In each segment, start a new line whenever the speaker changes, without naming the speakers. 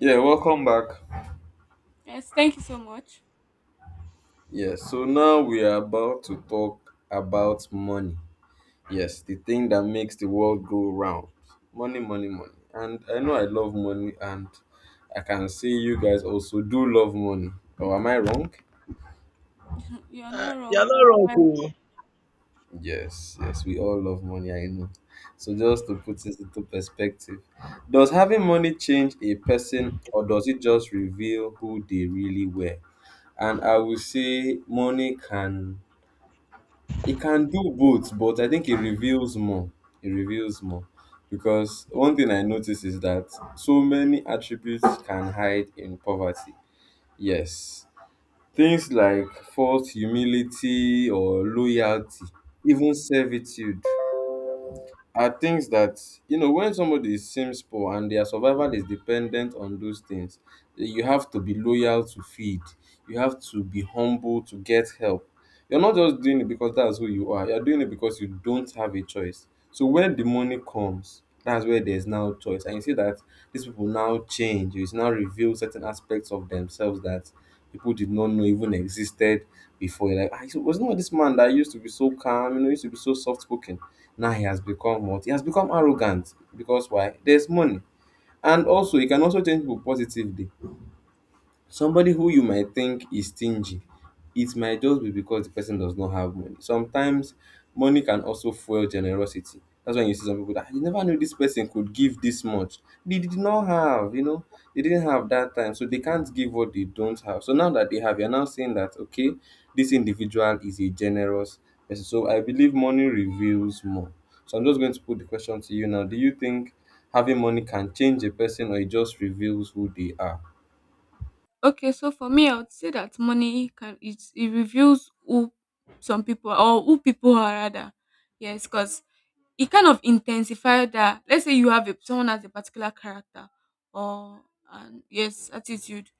Yeah, welcome back.
Yes, thank you so much.
Yeah, so now we are about to talk about money. Yes, the thing that makes the world go round. Money, money, money. And I know I love money, and I can see you guys also do love money. Or am I wrong?
You're not
You're
wrong.
not
You're
wrong,
right.
oh.
Yes, yes, we all love money, I know. So just to put this into perspective, does having money change a person or does it just reveal who they really were? And I will say money can- it can do both, but I think it reveals more. It reveals more because one thing I notice is that so many attributes can hide in poverty. Yes, things like false humility or loyalty, even servitude are things that, you know, when somebody seems poor and their survival is dependent on those things, you have to be loyal to feed, you have to be humble to get help. You're not just doing it because that's who you are, you're doing it because you don't have a choice. So when the money comes, that's where there's now choice, and you see that these people now change. It's now reveal certain aspects of themselves that people did not know even existed before. You're like, ah, so it was not this man that used to be so calm, you know, used to be so soft spoken. Now he has become what? He has become arrogant because why? There's money. And also, he can also change people positively. Somebody who you might think is stingy, it might just be because the person does not have money. Sometimes money can also fuel generosity. That's when you see some people that, "Ah, you never knew this person could give this much. They did not have, you know, they didn't have that time, so they can't give what they don't have. So now that they have, you're now saying that okay, this individual is a generous person." So I believe money reveals more. So I'm just going to put the question to you now. Do you think having money can change a person or it just reveals who they are?
Okay, so for me, I would say that money can it, it reveals who some people are, or who people are rather. Yes, because it kind of intensifies that. Let's say someone has a particular character or an attitude.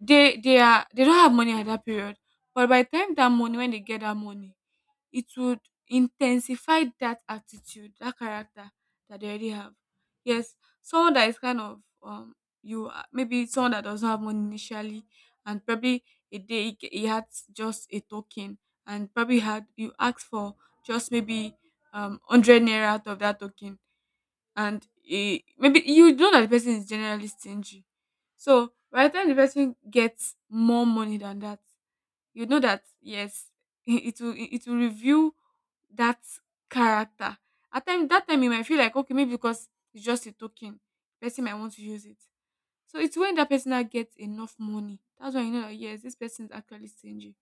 They don't have money at that period. But by the time that money when they get that money, it would intensify that attitude, that character that they already have. Yes, someone that is kind of maybe someone that doesn't have money initially, and probably a day he had just a token, and probably had you asked for just maybe 100 naira out of that token, and maybe you know that the person is generally stingy. So by the time the person gets more money than that, you know that yes, it will review that character. At time that time you might feel like okay maybe because it's just a token, person might want to use it. So it's when that person now gets enough money. That's when you know that yes, this person is actually stingy.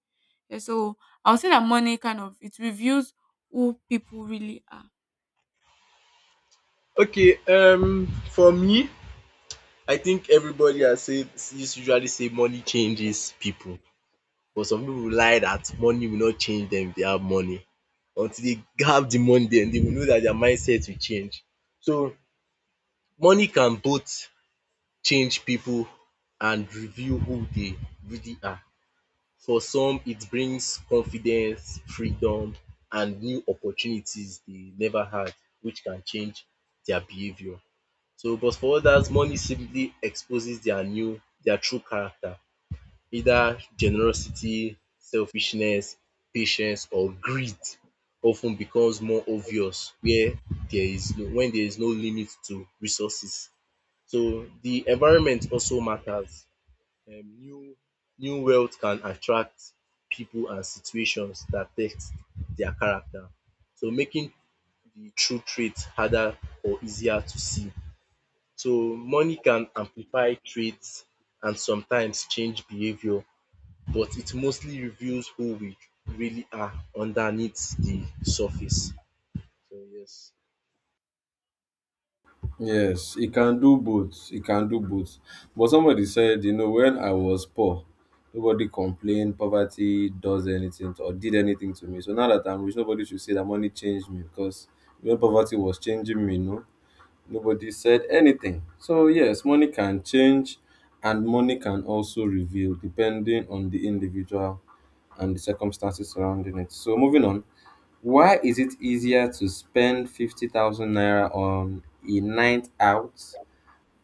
Yeah, so I'll say that money kind of it reveals who people really are.
Okay, for me, I think everybody has said is usually say money changes people, but some people lie that money will not change them if they have money. Until they have the money, then they will know that their mindset will change. So money can both change people and reveal who they really are. For some, it brings confidence, freedom, and new opportunities they never had, which can change their behavior. So but for others money simply exposes their true character, either generosity, selfishness, patience or greed often becomes more obvious where there is no when there is no limit to resources. So the environment also matters. um New New wealth can attract people and situations that test their character, so making the true traits harder or easier to see. So money can amplify traits and sometimes change behavior, but it mostly reveals who we really are underneath the surface. So yes.
Yes, it can do both. It can do both. But somebody said, you know, when I was poor, nobody complained, poverty does anything to, or did anything to me. So now that I'm rich, nobody should say that money changed me, because when poverty was changing me, no, nobody said anything. So yes, money can change, and money can also reveal, depending on the individual and the circumstances surrounding it. So moving on, why is it easier to spend 50,000 naira on a night out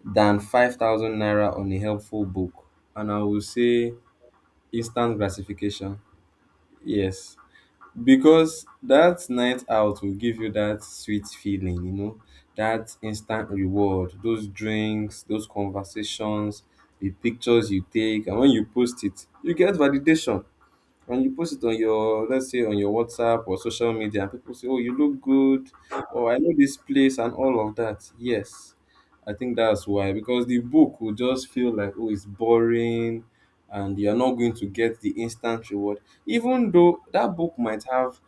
than 5,000 naira on a helpful book? And I will say instant gratification. Yes, because that night out will give you that sweet feeling, you know, that instant reward, those drinks, those conversations, the pictures you take, and when you post it you get validation. And you post it on your, let's say, on your WhatsApp or social media, and people say, "Oh, you look good," or "I know this place," and all of that. Yes. I think that's why. Because the book will just feel like, oh, it's boring, and you're not going to get the instant reward. Even though that book might have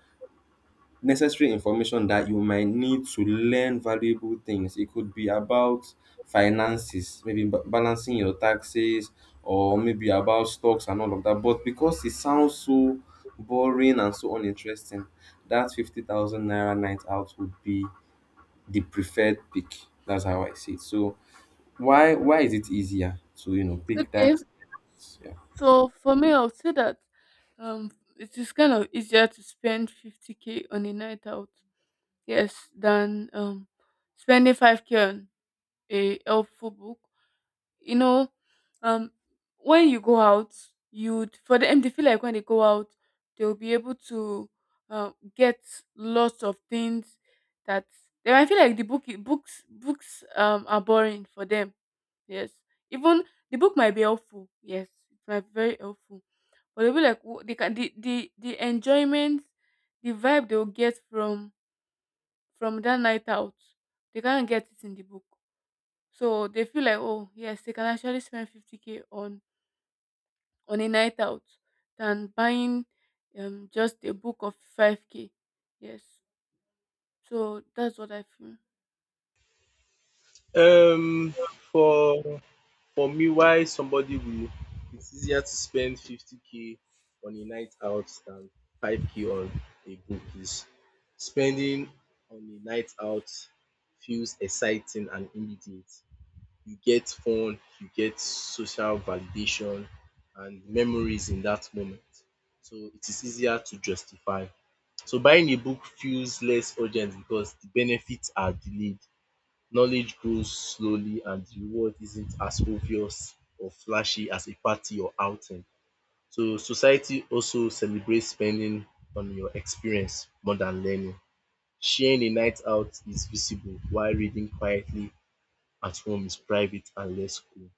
necessary information that you might need to learn valuable things. It could be about finances, maybe balancing your taxes, or maybe about stocks and all of that. But because it sounds so boring and so uninteresting, that 50,000 naira night out would be the preferred pick. That's how I see it. So why is it easier to, you know, pick
Okay.
that? Yeah.
So for me, I'll say that um, it is kind of easier to spend 50K on a night out, yes, than spending 5K on a helpful book. You know, um, when you go out, you'd for them they feel like when they go out, they'll be able to uh, get lots of things that they might feel like the book books books are boring for them. Yes, even the book might be helpful. Yes, it might be very helpful but they'll be like they can the enjoyment, the vibe they'll get from that night out, they can't get it in the book. So they feel like oh yes, they can actually spend 50K k on a night out than buying just a book of 5K. Yes, so that's what I feel.
Um for for me, why somebody will, it's easier to spend 50k on a night out than 5k on a book is: spending on a night out feels exciting and immediate, you get fun, you get social validation and memories in that moment. So it is easier to justify. So buying a book feels less urgent because the benefits are delayed. Knowledge grows slowly and the reward isn't as obvious or flashy as a party or outing. So society also celebrates spending on your experience more than learning. Sharing a night out is visible while reading quietly at home is private and less cool.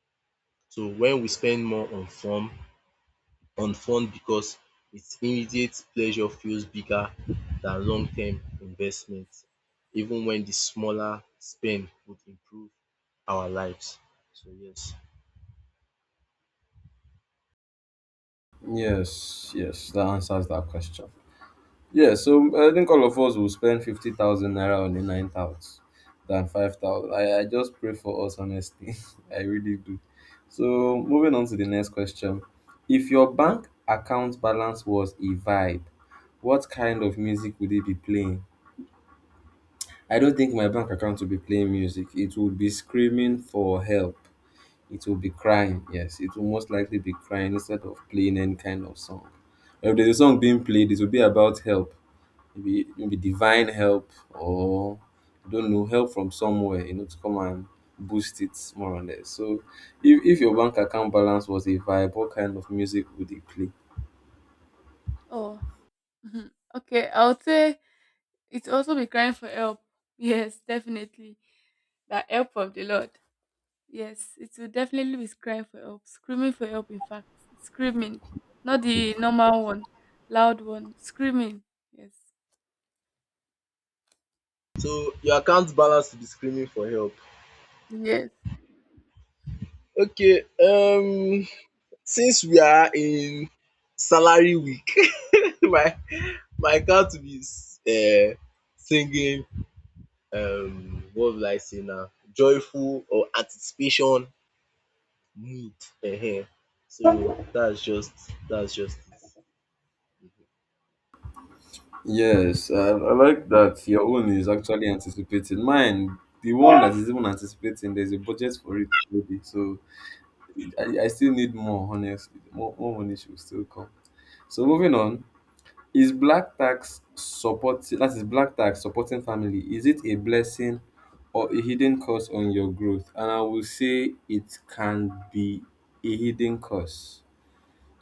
So when we spend more on fun because its immediate pleasure feels bigger than long term investment, even when the smaller spend would improve our lives. So yes.
Yes, yes, that answers that question. Yeah, so I think all of us will spend 50,000 naira on a night out than 5,000. I just pray for us, honestly. I really do. So, moving on to the next question. If your bank account balance was a vibe, what kind of music would it be playing? I don't think my bank account will be playing music. It would be screaming for help. It will be crying. Yes, it will most likely be crying instead of playing any kind of song. If there's a song being played, it will be about help, maybe maybe divine help, or I don't know, help from somewhere, you know, to come and boost it more or less. So if your bank account balance was a vibe, what kind of music would it play?
Oh, mhm, okay. I would say it's also be crying for help. Yes, definitely. That help of the Lord. Yes, it will definitely be crying for help, screaming for help. In fact, screaming, not the normal one, loud one, screaming. Yes.
So your account balance will be screaming for help.
Yes.
Okay, um, since we are in salary week my my account will be uh singing, um, what will I say now, joyful or anticipation need, um, so that's just it. Mm-hmm.
Yes, I like that your own is actually anticipating. Mine, the one that is even anticipating, there's a budget for it already. So I still need more, honestly. More money should still come. So moving on, is black tax supporting family, is it a blessing or a hidden curse on your growth? And I will say it can be a hidden curse.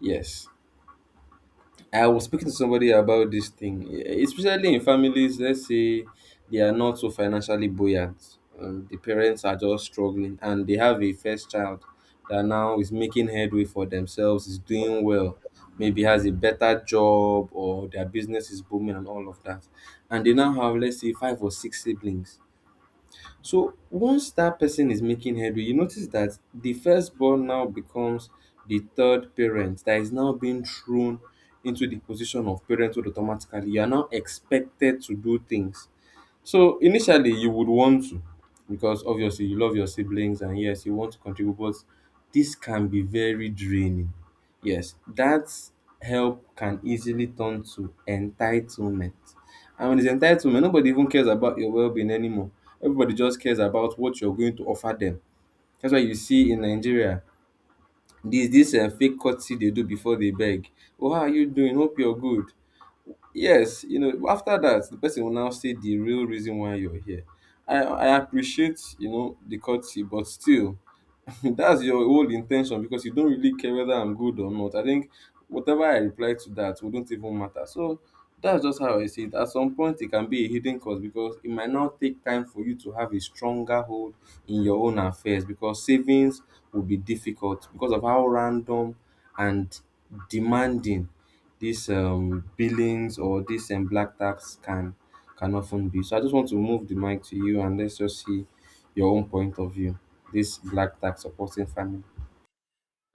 Yes. I was speaking to somebody about this thing, eh, especially in families. Let's say they are not so financially buoyant. The parents are just struggling, and they have a first child that now is making headway for themselves, is doing well, maybe has a better job or their business is booming and all of that. And they now have, let's say, five or six siblings. So once that person is making headway, you notice that the firstborn now becomes the third parent, that is now being thrown into the position of parenthood automatically. You are now expected to do things. So initially you would want to, because obviously you love your siblings and yes, you want to contribute, but this can be very draining. Yes, that help can easily turn to entitlement. And when it's entitlement, nobody even cares about your well being anymore. Everybody just cares about what you're going to offer them. That's why you see in Nigeria, this fake courtesy they do before they beg. Oh, how are you doing? Hope you're good. Yes, you know, after that the person will now say the real reason why you're here. I appreciate, you know, the courtesy, but still, that's your whole intention, because you don't really care whether I'm good or not. I think whatever I reply to that wouldn't even matter. So that's just how I see it. At some point, it can be a hidden cause, because it might not take time for you to have a stronger hold in your own affairs, because savings will be difficult because of how random and demanding these billings or these black tax can often be. So I just want to move the mic to you and let's just see your own point of view, this black tax supporting family.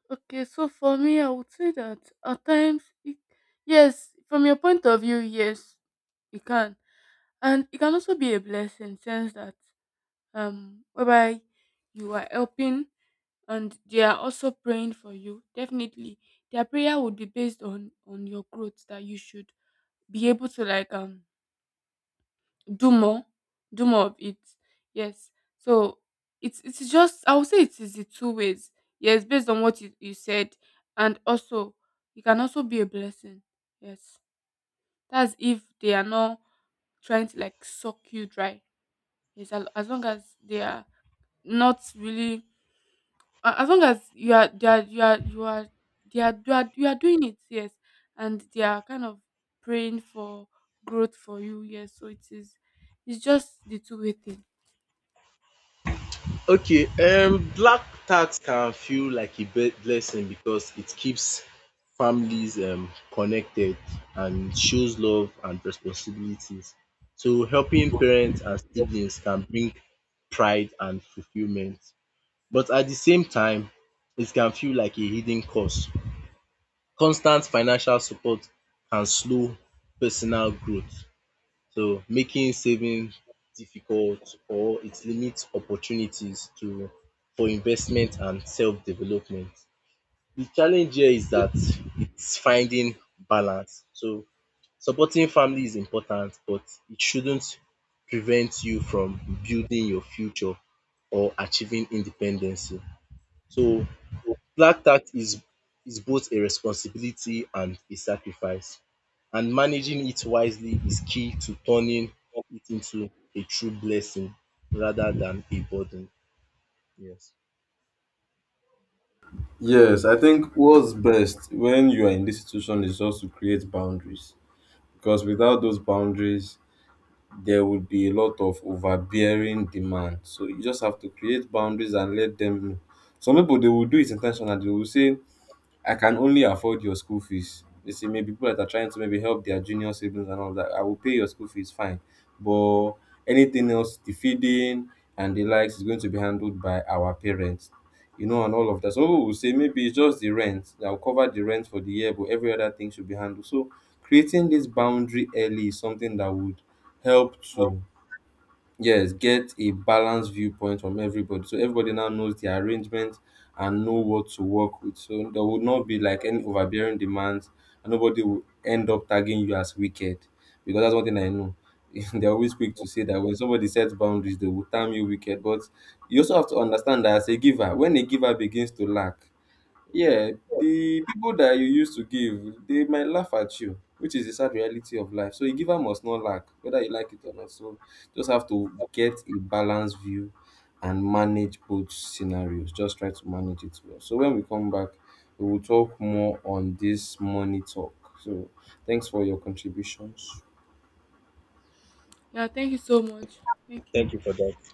Okay. So for me, I would say that at times, yes, from your point of view, yes, it can, and it can also be a blessing, sense that whereby you are helping and they are also praying for you definitely their prayer would be based on your growth that you should be able to like do more, do more of it. Yes. So it's just I would say it is the two ways. Yes, based on what you said, and also it can also be a blessing. Yes, that's if they are not trying to like suck you dry. Yes, as long as they are not really, as long as you are they are you are you are they are you are, you are doing it. Yes, and they are kind of praying for growth for you. Yes, so it is. It's just the two-way thing.
Okay, um, black tax can feel like a blessing because it keeps families, um, connected and shows love and responsibilities. So helping parents and siblings can bring pride and fulfillment. But at the same time, it can feel like a hidden cost. Constant financial support can slow personal growth, so making saving difficult, or it limits opportunities to for investment and self development. The challenge here is that it's finding balance. So supporting family is important but it shouldn't prevent you from building your future or achieving independence. So Black tax is both a responsibility and a sacrifice, and managing it wisely is key to turning it into a true blessing rather than a burden. Yes.
Yes, I think what's best when you are in this situation is just to create boundaries, because without those boundaries, there would be a lot of overbearing demand. So you just have to create boundaries and let them know. Some people they will do it intentionally. They will say, I can only afford your school fees. They say maybe people that are trying to maybe help their junior siblings and all that, I will pay your school fees, fine. But anything else, the feeding and the likes is going to be handled by our parents, you know, and all of that. So we will say maybe it's just the rent. I'll cover the rent for the year, but every other thing should be handled. So creating this boundary early is something that would help to, yes, get a balanced viewpoint from everybody, so everybody now knows the arrangement and know what to work with. So there would not be like any overbearing demands, and nobody will end up tagging you as wicked, because that's one thing I know. They're always quick to say that when somebody sets boundaries they will term you wicked. But you also have to understand that as a giver, when a giver begins to lack, yeah, the people that you used to give, they might laugh at you, which is the sad reality of life. So a giver must not lack, whether you like it or not. So just have to get a balanced view and manage both scenarios. Just try to manage it well. So when we come back, we will talk more on this money talk. So thanks for your contributions.
Yeah, thank you so much. Thank
Thank
you.
you for that.